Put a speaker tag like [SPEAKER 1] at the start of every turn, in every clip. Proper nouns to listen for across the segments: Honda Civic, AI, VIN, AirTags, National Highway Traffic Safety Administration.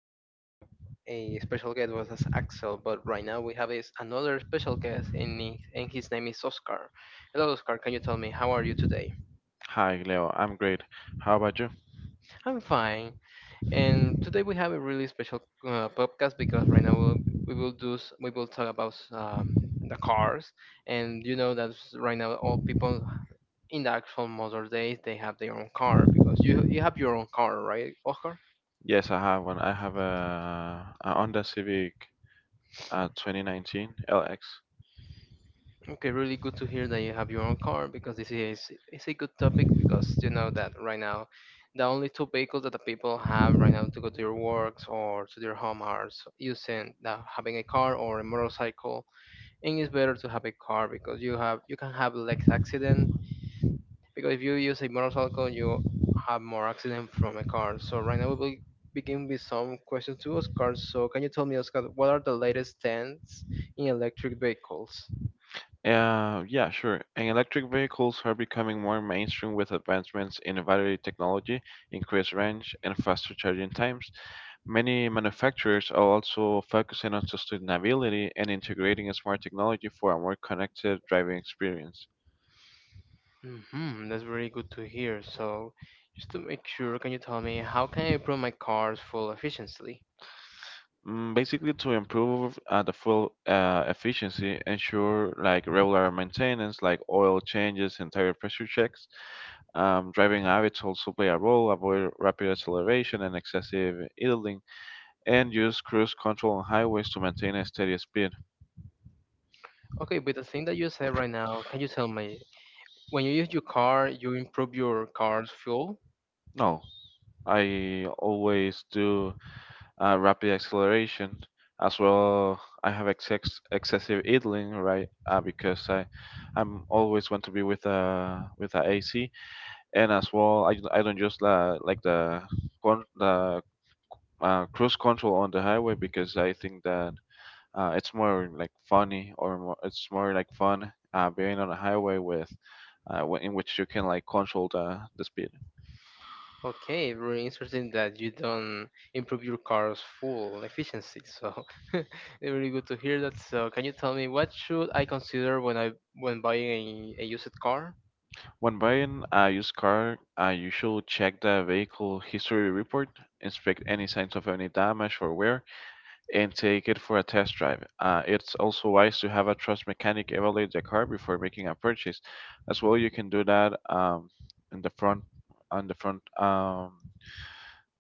[SPEAKER 1] yesterday we have a special guest was as Axel, but right now we have is another special guest, and he, and his name is Oscar. Hello, Oscar. Can you tell me how are you today?
[SPEAKER 2] Hi, Leo. I'm great. How about you?
[SPEAKER 1] I'm fine, and today we have a really special podcast because right now we will do s- we will talk about the cars, and you know that s- right now all people in the actual motor days they have their own car because you have your own car, right, Oscar?
[SPEAKER 2] Yes, I have one. I have a Honda Civic 2019 LX.
[SPEAKER 1] Okay, really good to hear that you have your own car because this is it's a good topic because you know that right now the only two vehicles that the people have right now to go to their works or to their home are s- using the, having a car or a motorcycle, and it's better to have a car because you have you can have less accident because if you use a motorcycle you have more accident from a car. So right now we will begin with some questions to Oscar. So can you tell me Oscar what are the latest trends in electric vehicles?
[SPEAKER 2] Yeah, sure. And electric vehicles are becoming more mainstream with advancements in battery technology, increased range, and faster charging times. Many manufacturers are also focusing on sustainability and integrating smart technology for a more connected driving experience.
[SPEAKER 1] That's very good to hear. So, just to make sure, can you tell me how can I improve my car's full efficiency?
[SPEAKER 2] Basically, to improve the fuel efficiency, ensure like regular maintenance, like oil changes and tire pressure checks. Driving habits also play a role. Avoid rapid acceleration and excessive idling, and use cruise control on highways to maintain a steady speed.
[SPEAKER 1] Okay, with the thing that you said right now, can you tell me when you use your car, you improve your car's fuel?
[SPEAKER 2] No, I always do rapid acceleration. As well, I have excessive idling, right? Because I'm always want to be with a AC, and as well I don't just like the con- the cruise control on the highway because I think that it's more like funny or it's more like fun being on a highway with in which you can like control the speed.
[SPEAKER 1] Okay, very interesting that you don't improve your car's full efficiency. So, it's really good to hear that. So, can you tell me what should I consider when I when buying a used car?
[SPEAKER 2] When buying a used car, you should check the vehicle history report, inspect any signs of any damage or wear, and take it for a test drive. It's also wise to have a trust mechanic evaluate the car before making a purchase. As well, you can do that in the front on the front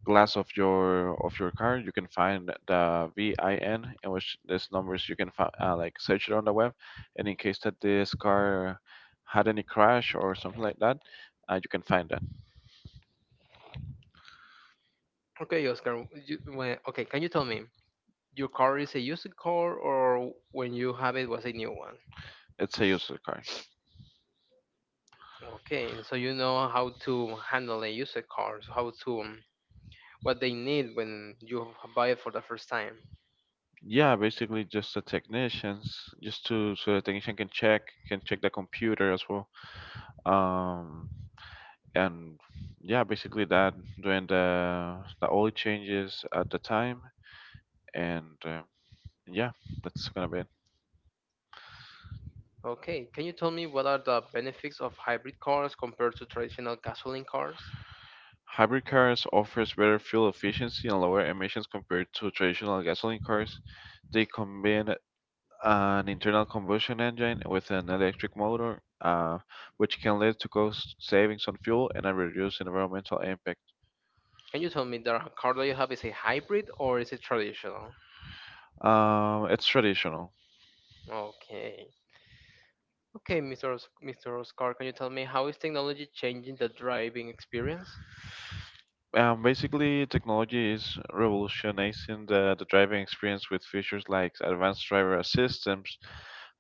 [SPEAKER 2] glass of your car. You can find the VIN, in which these numbers you can find like, search it on the web, and in case that this car had any crash or something like that, you can find that.
[SPEAKER 1] Okay, Oscar, you, when, okay, can you tell me? Your car is a used car or when you have it was a new one.
[SPEAKER 2] It's a used car.
[SPEAKER 1] Okay, so you know how to handle a used car, so how to what they need when you buy it for the first time.
[SPEAKER 2] Yeah, basically just the technicians, just to so the technician can check, can check the computer as well. Um, and Yeah, basically that, doing the oil changes at the time, and yeah, that's gonna be it.
[SPEAKER 1] Okay, can you tell me what are the benefits of hybrid cars compared to traditional gasoline cars?
[SPEAKER 2] Hybrid cars offers better fuel efficiency and lower emissions compared to traditional gasoline cars. They combine an internal combustion engine with an electric motor, which can lead to cost savings on fuel and a reduced environmental impact.
[SPEAKER 1] Can you tell me the car that you have is a hybrid or is it traditional?
[SPEAKER 2] It's traditional.
[SPEAKER 1] Okay. Okay, Mr. Os- Mr. Oscar, can you tell me how is technology changing the driving experience?
[SPEAKER 2] Basically, technology is revolutionizing the driving experience with features like advanced driver assist systems,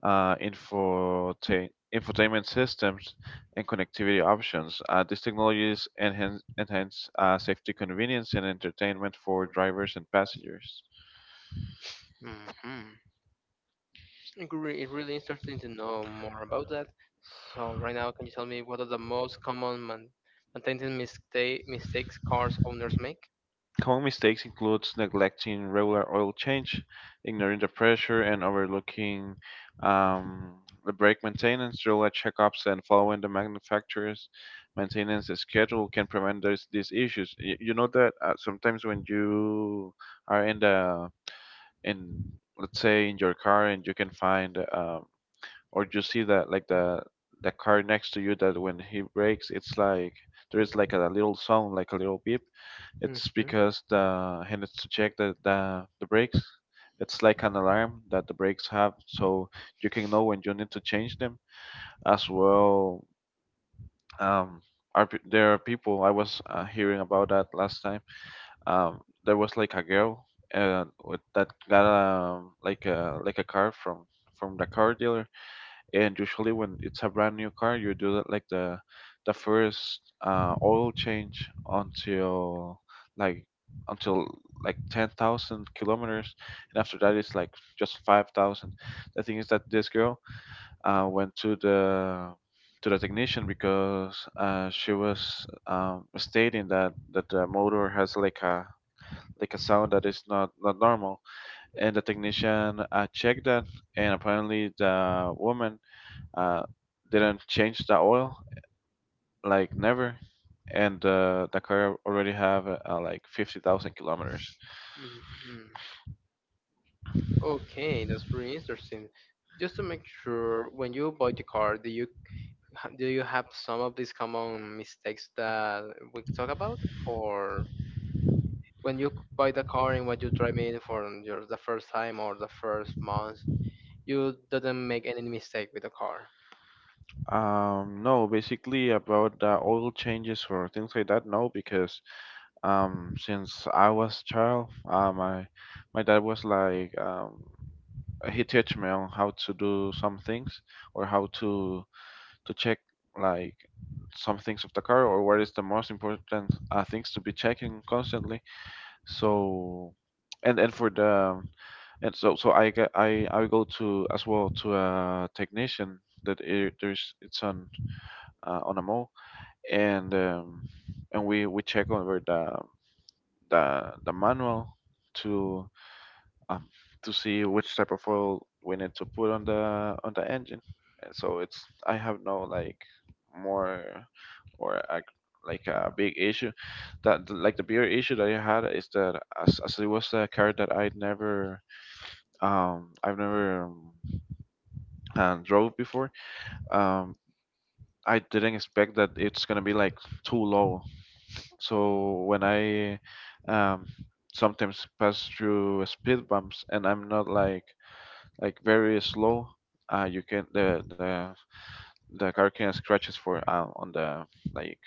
[SPEAKER 2] infotainment systems, and connectivity options. These technologies enhance safety, convenience, and entertainment for drivers and passengers.
[SPEAKER 1] hmm Agree. It's really interesting to know more about that. So right now, can you tell me what are the most common man- maintaining mistakes cars owners make?
[SPEAKER 2] Common mistakes include neglecting regular oil change, ignoring the pressure, and overlooking the brake maintenance. Regular checkups and following the manufacturer's maintenance schedule can prevent these issues. You know that sometimes when you are in the in let's say in your car and you can find or you see that like the car next to you, that when he brakes it's like there is like a little sound, like a little beep, it's
[SPEAKER 1] hmm
[SPEAKER 2] because the he needs to check the brakes. It's like an alarm that the brakes have, so you can know when you need to change them. As well, um there are people I was hearing about that last time. um there was like a girl with that got like a car from the car dealer, and usually when it's a brand new car you do that like the first oil change until like until 10,000 kilometers, and after that it's like just 5,000. The thing is that this girl went to the technician because she was stating that the motor has like a sound that is not normal, and the technician checked that, and apparently the woman uh, didn't change the oil, like, never, and the car already have like 50,000 kilometers.
[SPEAKER 1] hmm Okay, that's really interesting. Just to make sure, when you buy the car, do you ha- do you have some of these common mistakes that we talk about, or when you buy the car and when you drive it for your, the first time or the first month, you didn't make any mistake with the car?
[SPEAKER 2] No, basically about the oil changes or things like that, no, because since I was child, my my dad was like he teach me on how to do some things, or how to check like some things of the car, or what is the most important things to be checking constantly. So, and for the, and so so I get I go to as well to a technician that I there's it's on a mall, and we check over the manual to um, to see which type of oil we need to put on the engine. And so it's, I have no like more or a, like a big issue, that like the beer issue that I had is that as it was a car that I would never I've never drove before, um I didn't expect that it's gonna be like too low. So when I um sometimes pass through speed bumps and I'm not like, like, very slow, you can the car can scratches for on the, like,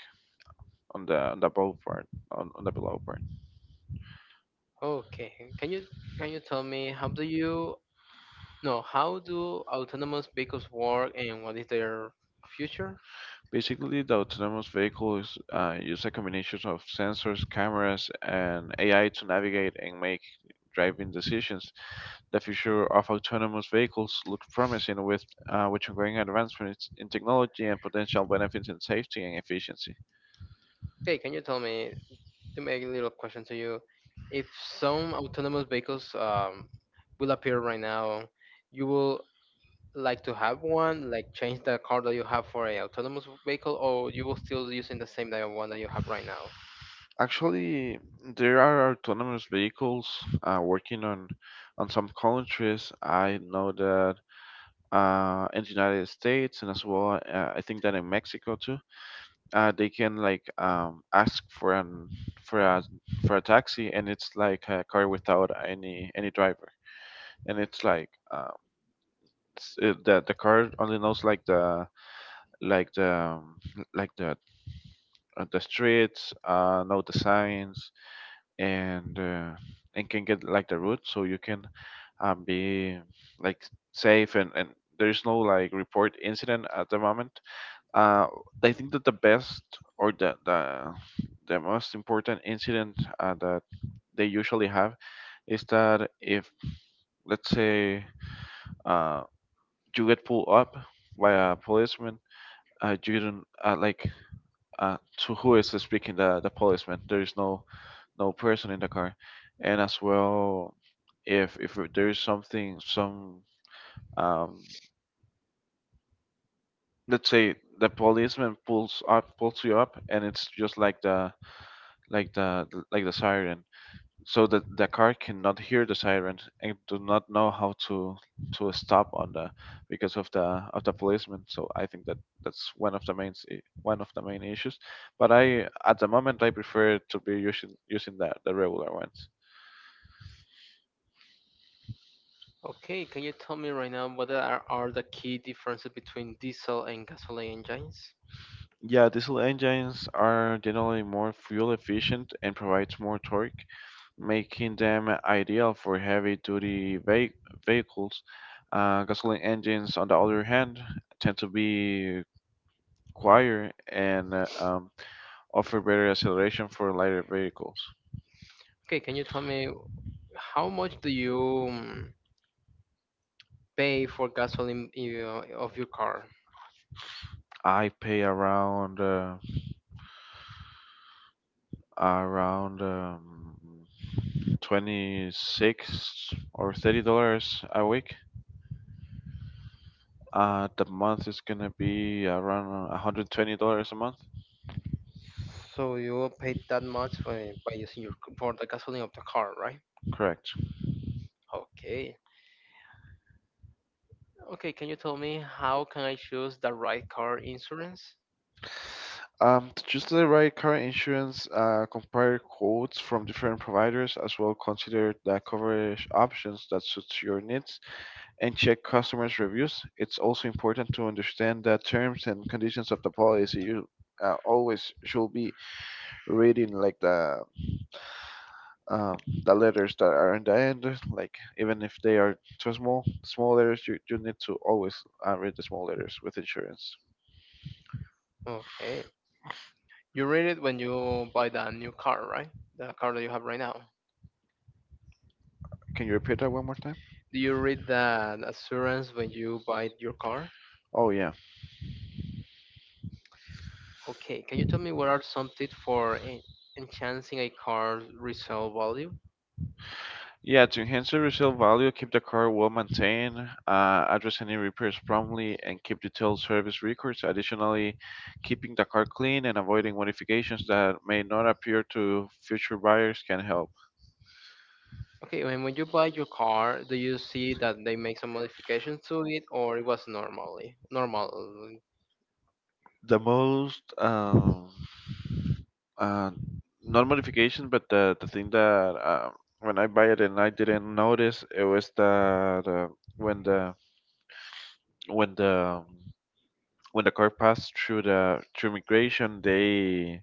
[SPEAKER 2] on the above part, on the below part.
[SPEAKER 1] Okay. Can you tell me how do you no how do autonomous vehicles work and what is their future?
[SPEAKER 2] Basically, the autonomous vehicles use a combination of sensors, cameras, and AI to navigate and make driving decisions. The future of autonomous vehicles looks promising with ongoing advancements in technology and potential benefits in safety and efficiency.
[SPEAKER 1] Okay, can you tell me to make a little question to you? If some autonomous vehicles will appear right now, you will like to have one, like change the car that you have for a autonomous vehicle, or you will still using the same type of one that you have right now?
[SPEAKER 2] Actually, there are autonomous vehicles working on some countries. I know that in the United States, and as well, I think that in Mexico too, they can like ask for an for a taxi, and it's like a car without any driver, and it's like the car only knows like the like like the the streets, know the signs, and can get like the route so you can be, like, safe, and there's no like report incident at the moment. Uh, I think that the best or the most important incident that they usually have is that if, let's say, uh, you get pulled up by a policeman, you don't to who is speaking the policeman. There is no person in the car, and as well, if there is something, some um, let's say the policeman pulls you up, and it's just like the like the like the siren, so that the car cannot hear the siren and do not know how to stop on the, because of the policeman, so I think that that's one of the main issues. But i, at the moment, I prefer to be using the regular ones.
[SPEAKER 1] Okay, can you tell me right now what are the key differences between diesel and gasoline engines?
[SPEAKER 2] Yeah, diesel engines are generally more fuel efficient and provides more torque, making them ideal for heavy duty vehicles. Uh, gasoline engines, on the other hand, tend to be require, and offer better acceleration for lighter vehicles.
[SPEAKER 1] Okay, can you tell me how much do you mm, pay for gasoline you know, of your car?
[SPEAKER 2] I pay around around um, $26 or $30 a week. The month is gonna be around $120 a month.
[SPEAKER 1] So you will pay that much for, by using your c- for the gasoline of the car, right?
[SPEAKER 2] Correct.
[SPEAKER 1] Okay. Okay, can you tell me how can I choose the right car insurance?
[SPEAKER 2] To choose the right car insurance, compare quotes from different providers. As well, consider the coverage options that suits your needs and check customers' reviews. It's also important to understand that terms and conditions of the policy you always should be reading, like uh, the letters that are in the end. Like, even if they are too small, small letters, you need to always read the small letters with insurance.
[SPEAKER 1] Okay. You read it when you buy the new car, right? The car that you have right now.
[SPEAKER 2] Can you repeat that one more time?
[SPEAKER 1] Do you read the assurance when you buy your car?
[SPEAKER 2] Oh, yeah.
[SPEAKER 1] Okay. Can you tell me what are some tips for en- enhancing a car's resale value?
[SPEAKER 2] Yeah, to enhance the resale value, keep the car well maintained, address any repairs promptly, and keep detailed service records. Additionally, keeping the car clean and avoiding modifications that may not appear to future buyers can help.
[SPEAKER 1] Okay, when you buy your car, do you see that they make some modifications to it, or it was normally normal?
[SPEAKER 2] The most uh, not modification, but the thing that uh, when I buy it and I didn't notice, it was that when when the the car passed through the through immigration,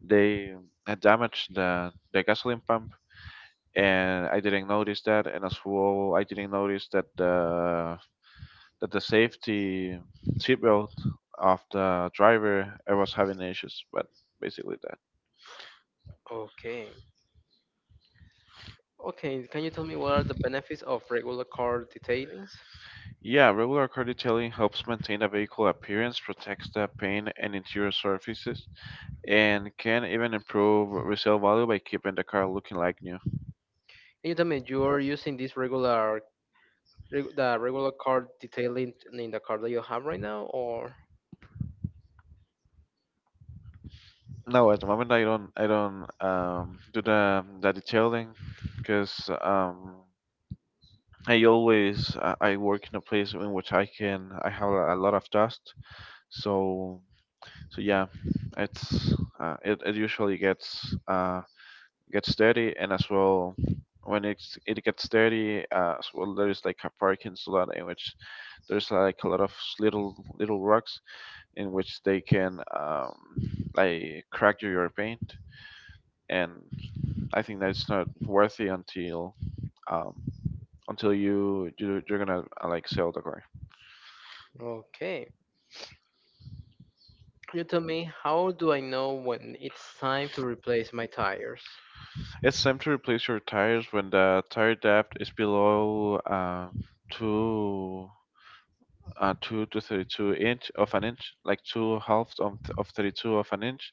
[SPEAKER 2] they had damaged the gasoline pump, and I didn't notice that, and as well I didn't notice that the safety seatbelt of the driver, I was having issues, but basically that.
[SPEAKER 1] Okay. Okay, can you tell me what are the benefits of regular car detailings?
[SPEAKER 2] Yeah, regular car detailing helps maintain the vehicle appearance, protects the paint and interior surfaces, and can even improve resale value by keeping the car looking like new.
[SPEAKER 1] Can you tell me you're using this regular reg- the regular car detailing in the car that you have right now, or
[SPEAKER 2] No, at the moment I don't do the detailing because I always I work in a place in which I have a lot of dust. So so yeah, it's it usually gets gets dirty. And as well, when it's it gets dirty, as well there is like a parking lot in which there's like a lot of little rocks in which they can like crack your paint. And I think that it's not worthy um until you you're gonna like sell the car.
[SPEAKER 1] okay? Can you tell me how do I know when it's time to replace my tires?
[SPEAKER 2] It's time to replace your tires when the tire depth is below two, two to thirty-two inch of an inch, like two halves of 32 of an inch,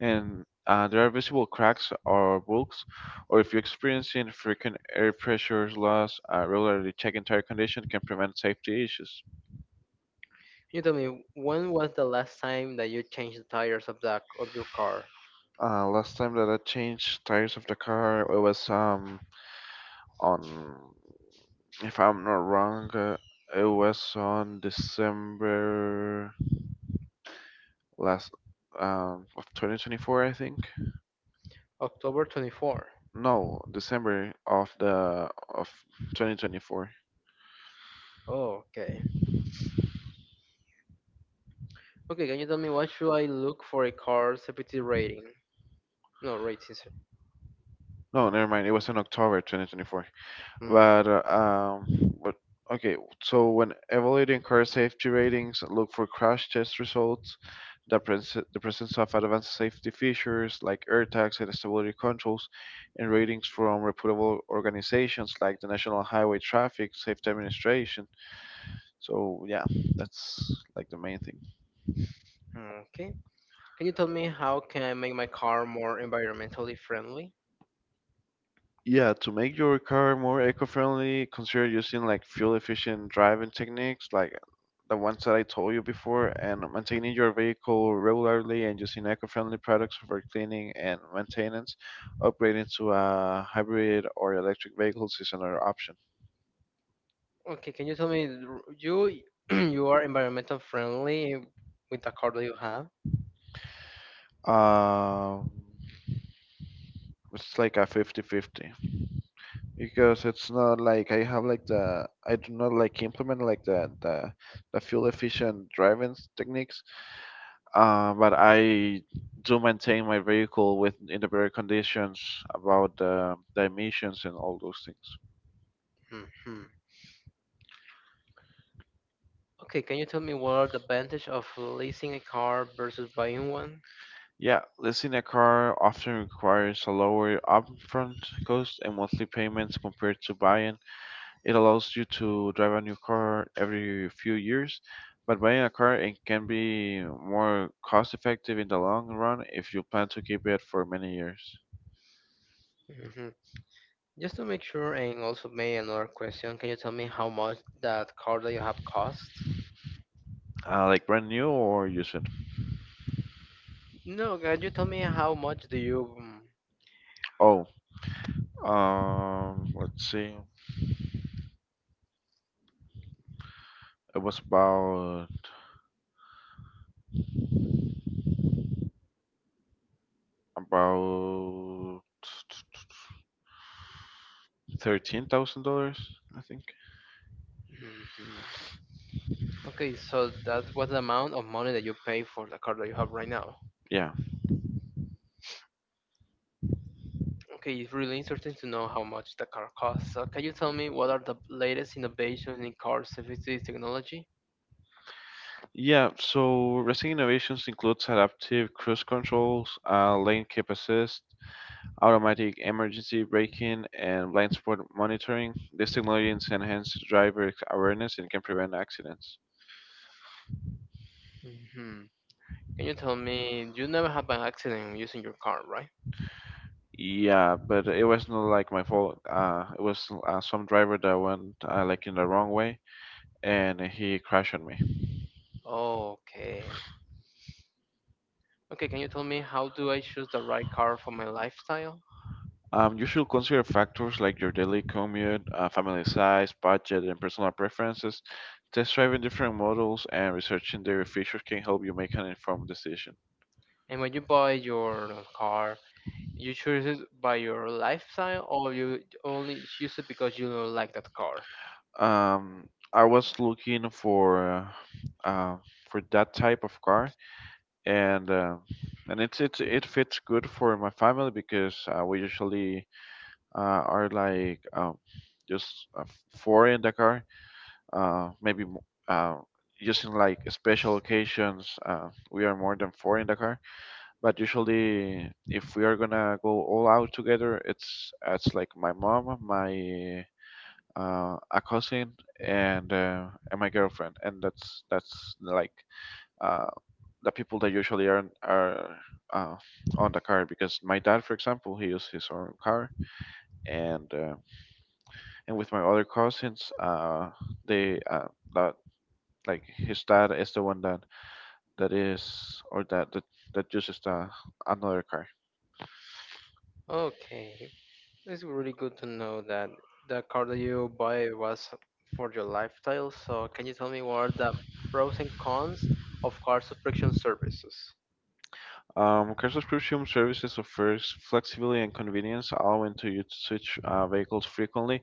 [SPEAKER 2] and there are visible cracks or bulges. Or if you're experiencing frequent air pressure loss, regularly checking tire condition can prevent safety issues.
[SPEAKER 1] Can you tell me when was the last time that you changed the tires of the of your car?
[SPEAKER 2] Last time that I changed tires of the car, it was on if I'm not wrong, it was on December last of 2024, I think.
[SPEAKER 1] October 24th.
[SPEAKER 2] No, December of the of 2024.
[SPEAKER 1] Oh, okay. Okay, can you tell me what should I look for a car's CPT rating? No, ratings.
[SPEAKER 2] No, never mind. It was in October 2024.
[SPEAKER 1] Mm,
[SPEAKER 2] But um, but okay. So when evaluating car safety ratings, look for crash test results, the presence of advanced safety features like AirTags and stability controls, and ratings from reputable organizations like the National Highway Traffic Safety Administration. So yeah, that's like the main thing.
[SPEAKER 1] Right. Okay. Can you tell me how can I make my car more environmentally friendly?
[SPEAKER 2] Yeah, to make your car more eco-friendly, consider using like fuel-efficient driving techniques, like the ones that I told you before, and maintaining your vehicle regularly and using eco-friendly products for cleaning and maintenance. Upgrading to a hybrid or electric vehicles is another option.
[SPEAKER 1] Okay, can you tell me r- you you are environmental friendly with the car that you have?
[SPEAKER 2] Um, it's like a 50-50 because it's not like I have like the I do not like implement like the fuel efficient driving techniques. But I do maintain my vehicle with in the better conditions about the emissions and all those things.
[SPEAKER 1] hmm Okay, can you tell me what are the advantage of leasing a car versus buying one?
[SPEAKER 2] Yeah, leasing a car often requires a lower upfront cost and monthly payments compared to buying. It allows you to drive a new car every few years, but buying a car it can be more cost effective in the long run if you plan to keep it for many years.
[SPEAKER 1] hmm Just to make sure, and also may another question. Can you tell me how much that car that you have cost?
[SPEAKER 2] Like brand new or used.
[SPEAKER 1] No, can you tell me how much do you?
[SPEAKER 2] Oh, let's see. It was about $13,000, I think.
[SPEAKER 1] Mhm. Okay, so that was the amount of money that you pay for the car that you have right now.
[SPEAKER 2] Yeah,
[SPEAKER 1] Okay, it's really interesting to know how much the car costs. So can you tell me what are the latest innovations in car safety technology?
[SPEAKER 2] yeah. So racing innovations includes adaptive cruise controls, lane keep assist, automatic emergency braking, and blind spot monitoring. These technologies enhance driver awareness and can prevent accidents.
[SPEAKER 1] hmm Can you tell me you never have an accident using your car, right?
[SPEAKER 2] Yeah, but it was not like my fault. It was some driver that went like in the wrong way, and he crashed on me.
[SPEAKER 1] Okay. Okay, can you tell me how do I choose the right car for my lifestyle?
[SPEAKER 2] You should consider factors like your daily commute, family size, budget, and personal preferences. Test driving different models and researching their features can help you make an informed decision.
[SPEAKER 1] And when you buy your car, you choose it by your lifestyle, or you only choose it because you don't like that car?
[SPEAKER 2] I was looking uh, uh, for that type of car, and it's it fits good for my family because we usually uh, are like just four in the car, uh, maybe m- uh, using like special occasions. We are more than four in the car, but usually if we are gonna go all out together, it's like my mom, my a cousin, and my girlfriend, and that's like uh, the people that usually are uh, on the car because my dad, for example, he uses his own car. And with my other cousins, they the like his dad is the one that that is or that that, that uses the another car.
[SPEAKER 1] Okay, it's really good to know that the car that you buy was for your lifestyle. So, can you tell me what are the pros and cons of car subscription services?
[SPEAKER 2] Car subscription services offers flexibility and convenience, allowing to you to switch vehicles frequently.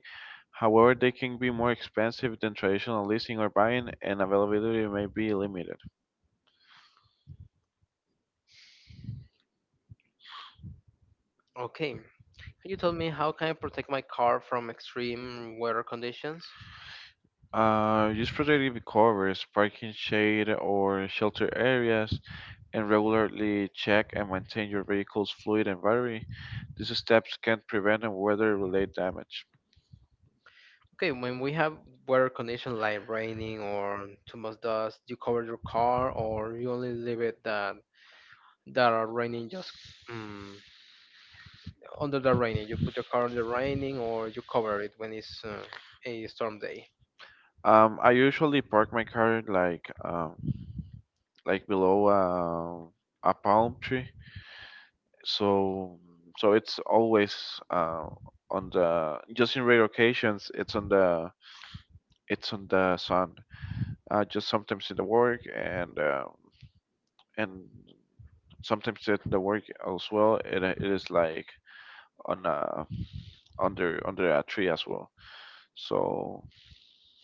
[SPEAKER 2] However, they can be more expensive than traditional leasing or buying, and availability may be limited.
[SPEAKER 1] Okay, can you tell me how can I protect my car from extreme weather conditions?
[SPEAKER 2] Use protective covers, parking shade or shelter areas, and regularly check and maintain your vehicle's fluid and battery. These steps can prevent and weather-related damage.
[SPEAKER 1] Okay, when we have weather conditions like raining or too much dust, you cover your car or you only leave it that that are raining just mm, under the raining. You put your car under raining or you cover it when it's a storm day.
[SPEAKER 2] I usually park my car like below a palm tree, so so it's always uh, on the just in rare occasions it's on the sun. Just sometimes in the work, and sometimes in the work as well. It is like on under a tree as well. So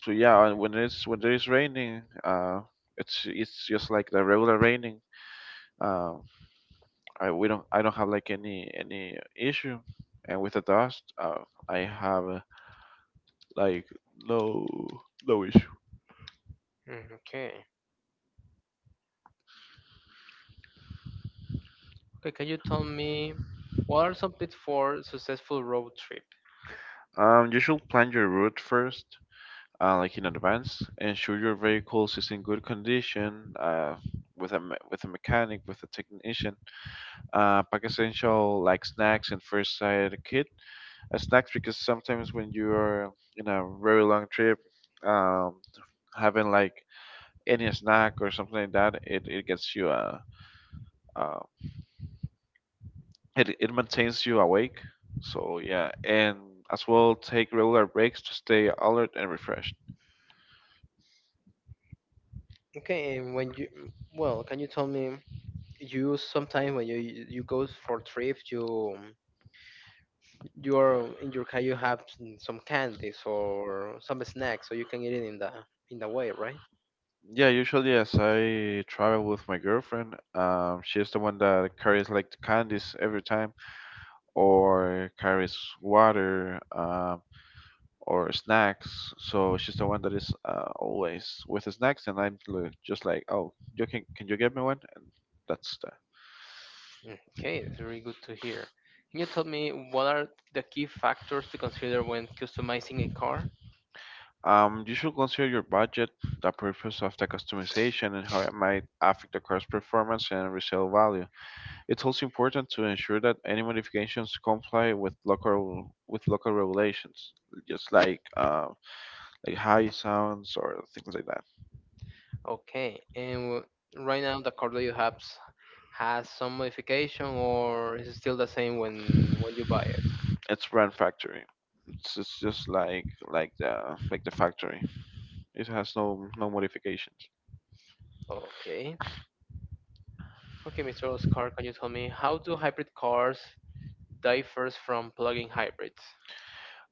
[SPEAKER 2] So yeah, and when there is raining, it's just like the regular raining. Um, I don't have like any issue, and with the dust, I have like no no issue.
[SPEAKER 1] Okay. Okay, can you tell me what are some tips for successful road trip?
[SPEAKER 2] You should plan your route first, like in advance. Ensure your vehicles is in good condition. With a mechanic, with a technician. Pack essential like snacks and first aid kit, a snack because sometimes when you are in a very long trip, um, having like any snack or something like that, it gets you uh it maintains you awake. So yeah, and as well take regular breaks to stay alert and refreshed.
[SPEAKER 1] Okay, and when you well, can you tell me you sometimes when you go for trips you you are in your car you have some candies or some snacks so you can eat it in the way, right?
[SPEAKER 2] Yeah, usually as I travel with my girlfriend, she's the one that carries like the candies every time or carries water, or snacks. So she's the one that is always with the snacks, and just like, oh, you can you get me one? And that's the
[SPEAKER 1] Okay,
[SPEAKER 2] thing.
[SPEAKER 1] that's very good to hear. Can you tell me what are the key factors to consider when customizing a car?
[SPEAKER 2] You should consider your budget, the purpose of the customization, and how it might affect the car's performance and resale value. It's also important to ensure that any modifications comply with local regulations, just like high sounds or things like that.
[SPEAKER 1] Okay, and w- right now the car that you have s- has some modification or is it still the same when you buy it?
[SPEAKER 2] It's brand factory. It's just like like the factory. It has no modifications.
[SPEAKER 1] Okay. Okay, Mr. Oscar, can you tell me how do hybrid cars differs from plug-in hybrids?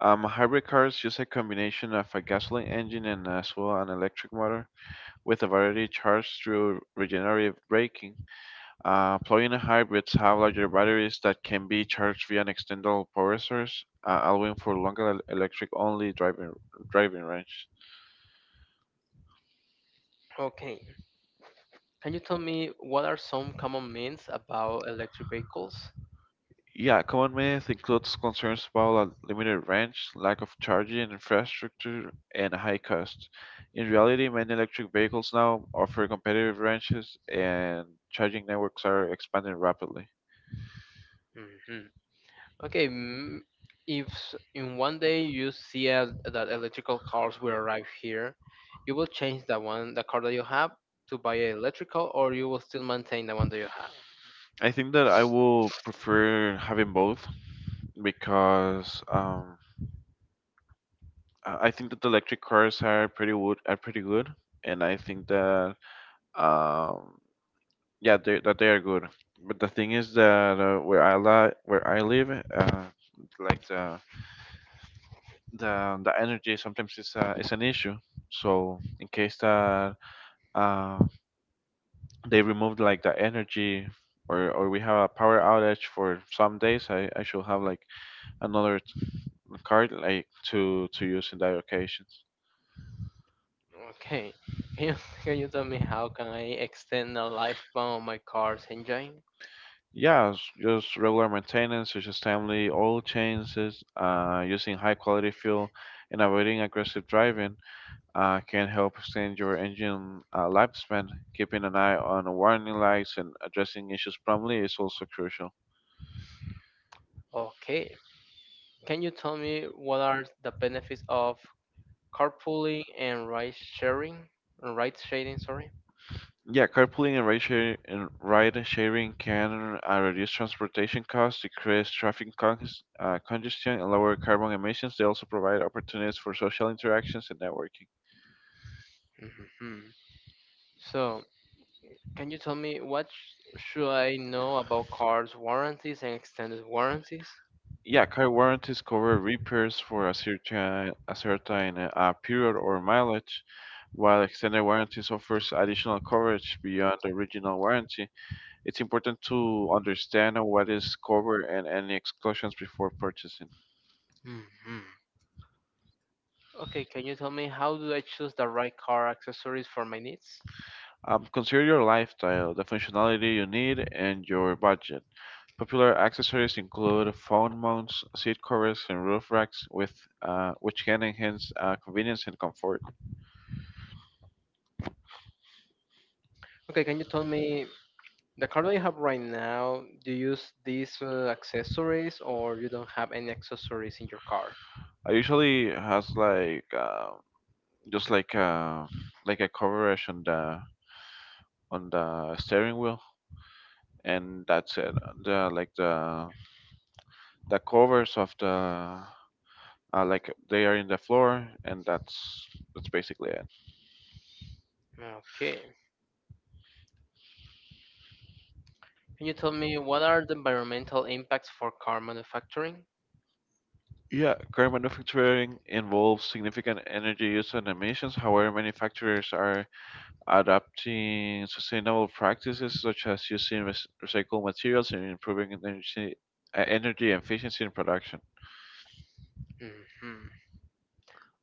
[SPEAKER 2] Hybrid cars use a combination of a gasoline engine and as well an electric motor, with a battery charged through regenerative braking. Plug-in hybrids have larger batteries that can be charged via an external power source, allowing for longer electric-only driving range.
[SPEAKER 1] Okay. Can you tell me what are some common myths about electric vehicles?
[SPEAKER 2] Yeah, common myth includes concerns about a limited range, lack of charging infrastructure, and high cost. In reality, many electric vehicles now offer competitive ranges, and charging networks are expanding rapidly.
[SPEAKER 1] Mhm. Okay, if s- in one day you see a, that electrical cars will arrive here, you will change the one the car that you have to buy a electrical, or you will still maintain the one that you have.
[SPEAKER 2] I think that I will prefer having both because I think that the electric cars are pretty wood are pretty good, and I think that um, yeah, they are good. But the thing is that where I live, like the the energy sometimes is an issue. So in case that uh, they removed like the energy, or we have a power outage for some days, I should have like another card like to use in that occasions.
[SPEAKER 1] Okay, can you can you tell me how can I extend the lifespan of my car's engine?
[SPEAKER 2] Yeah, it's just regular maintenance, such as timely oil changes, using high quality fuel, and avoiding aggressive driving can help extend your engine lifespan. Keeping an eye on warning lights and addressing issues promptly is also crucial.
[SPEAKER 1] Okay, can you tell me what are the benefits of carpooling and ride sharing? Sorry.
[SPEAKER 2] Yeah, carpooling and ride sharing can reduce transportation costs, decrease congestion, and lower carbon emissions. They also provide opportunities for social interactions and networking.
[SPEAKER 1] Mhm. So can you tell me what sh- should I know about cars warranties and extended warranties?
[SPEAKER 2] Yeah, car warranties cover repairs for a certain period or mileage, while extended warranties offers additional coverage beyond the original warranty. It's important to understand what is covered and any exclusions before purchasing.
[SPEAKER 1] hmm Okay, can you tell me how do I choose the right car accessories for my needs?
[SPEAKER 2] Consider your lifestyle, the functionality you need, and your budget. Popular accessories include phone mounts, seat covers, and roof racks, with which can enhance convenience and comfort.
[SPEAKER 1] Okay, can you tell me the car that you have right now, do you use these accessories or you don't have any accessories in your car?
[SPEAKER 2] I usually has like just like a coverage on the steering wheel, and that's it. The like the the covers of the like they are in the floor, and that's basically it.
[SPEAKER 1] Okay. Can you tell me what are the environmental impacts for car manufacturing?
[SPEAKER 2] Yeah, car manufacturing involves significant energy use and emissions. However, manufacturers are adopting sustainable practices such as using recycled materials and improving energy efficiency in production.
[SPEAKER 1] hmm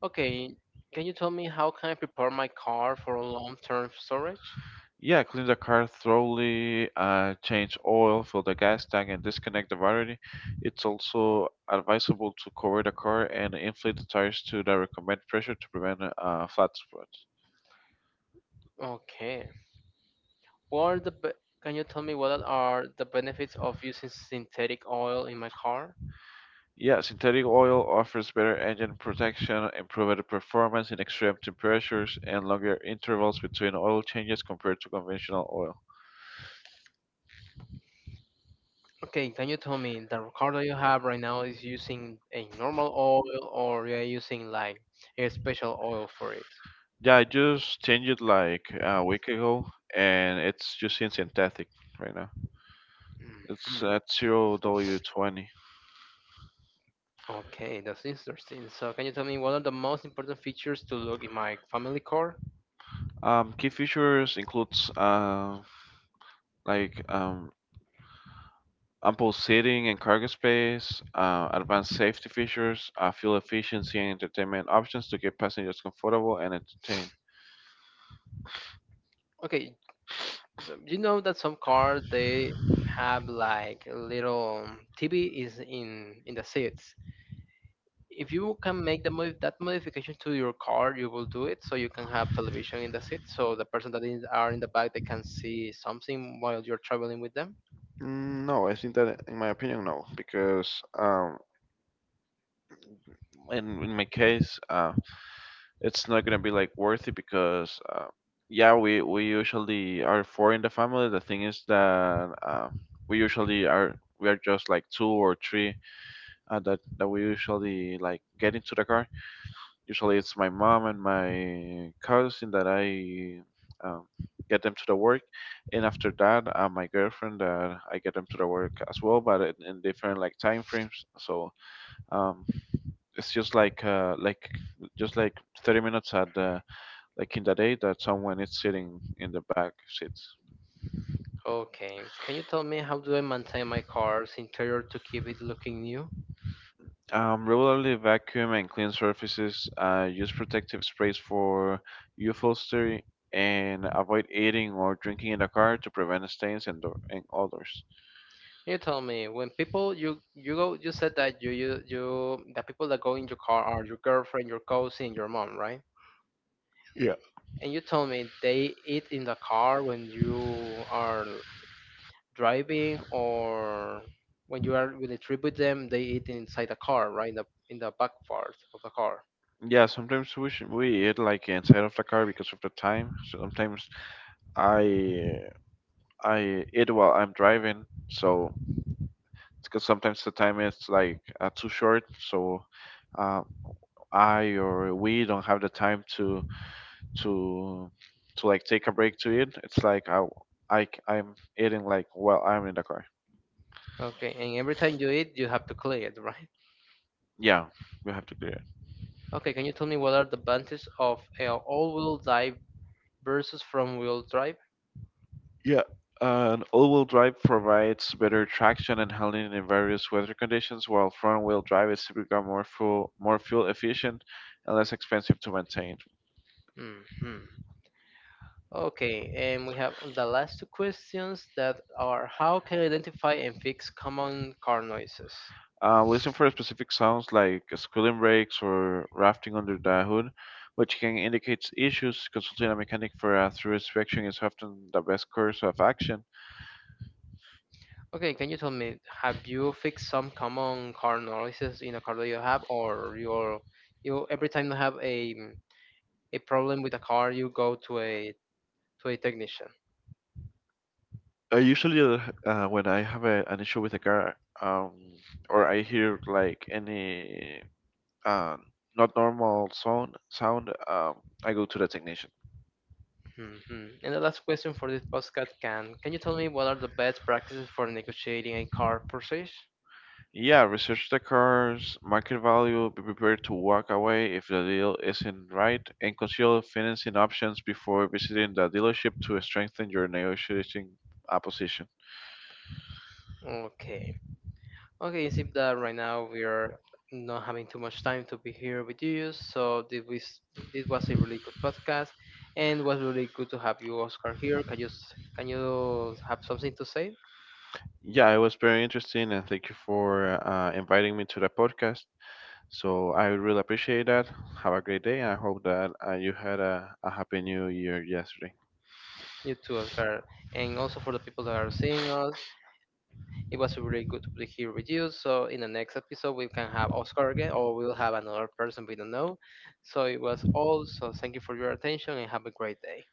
[SPEAKER 1] Okay, can you tell me how can I prepare my car for long-term storage?
[SPEAKER 2] Yeah, clean the car thoroughly, change oil, fill the gas tank, and disconnect the battery. It's also advisable to cover the car and inflate the tires to the recommended pressure to prevent flat spots.
[SPEAKER 1] Okay. What are the be- can you tell me what are the benefits of using synthetic oil in my car?
[SPEAKER 2] Yeah, synthetic oil offers better engine protection, improved performance in extreme temperatures, and longer intervals between oil changes compared to conventional oil.
[SPEAKER 1] Okay, can you tell me the car that you have right now is using a normal oil or you're using like a special oil for it?
[SPEAKER 2] Yeah, I just changed it like a week ago, and it's using synthetic right now. It's
[SPEAKER 1] Mhm.
[SPEAKER 2] at zero W20.
[SPEAKER 1] Okay, that's interesting. So, can you tell me what are the most important features to look in my family car?
[SPEAKER 2] Key features includes like um, ample seating and cargo space, advanced safety features, fuel efficiency, and entertainment options to keep passengers comfortable and entertained.
[SPEAKER 1] Okay, so you know that some cars they have like a little TV is in the seats. If you can make the mod- that modification to your car, you will do it so you can have television in the seat, so the person that is are in the back they can see something while you're traveling with them.
[SPEAKER 2] Mm, no, I think that, in my opinion, no, because in my case, it's not gonna be like worth it because yeah, we usually are four in the family. The thing is that we are just like two or three that we usually like get into the car. Usually it's my mom and my cousin that I um, get them to the work, and after that my girlfriend I get them to the work as well, but in different like time frames. So um, it's just like just like 30 minutes at like in the day that someone is sitting in the back seat.
[SPEAKER 1] Okay, can you tell me how do I maintain my car's interior to keep it looking new?
[SPEAKER 2] Regularly vacuum and clean surfaces. Use protective sprays for upholstery and avoid eating or drinking in the car to prevent stains and odors.
[SPEAKER 1] Can you tell me when people you you go you said that you the people that go in your car are your girlfriend, your cousin, your mom, right? And you told me they eat in the car when you are driving or when you are with a trip with them, they eat inside the car, right? In the back part of the car.
[SPEAKER 2] Yeah, sometimes we eat like inside of the car because of the time. Sometimes I I eat while I'm driving, so because sometimes the time is like too short, so uh, I or we don't have the time to to like take a break to eat. It's like I am eating like while I'm in the car.
[SPEAKER 1] Okay, and every time you eat, you have to clean it, right?
[SPEAKER 2] Yeah, we have to do it.
[SPEAKER 1] Okay, can you tell me what are the advantages of a all-wheel drive versus front-wheel drive?
[SPEAKER 2] Yeah. An all-wheel drive provides better traction and handling in various weather conditions, while front-wheel drive is typically more fuel efficient and less expensive to maintain.
[SPEAKER 1] hmm Okay, and we have the last two questions that are how can I identify and fix common car noises?
[SPEAKER 2] Listen for specific sounds like squealing brakes or rafting under the hood, which can indicate issues. Consulting a mechanic for a thorough inspection is often the best course of action.
[SPEAKER 1] Okay, can you tell me, have you fixed some common car analysis in a car that you have, or you're you every time you have a a problem with a car, you go to a technician?
[SPEAKER 2] I usually when I have an issue with a car, or I hear like any uh, not normal sound, I go to the technician.
[SPEAKER 1] And the last question for this podcast, can you tell me what are the best practices for negotiating a car purchase?
[SPEAKER 2] Yeah, research the cars, market value, be prepared to walk away if the deal isn't right, and consider financing options before visiting the dealership to strengthen your negotiating position.
[SPEAKER 1] Okay. Okay, it seems that right now we are not having too much time to be here with you. So this was a really good podcast, and was really good to have you, Oscar, here. Can you s- can you have something to say?
[SPEAKER 2] Yeah, it was very interesting, and thank you for inviting me to the podcast. So I really appreciate that. Have a great day. I hope that you had a happy new year yesterday.
[SPEAKER 1] You too, Oscar, and also for the people that are seeing us, it was really good to be here with you. So in the next episode, we can have Oscar again, or we'll have another person we don't know. So it was all. So thank you for your attention, and have a great day.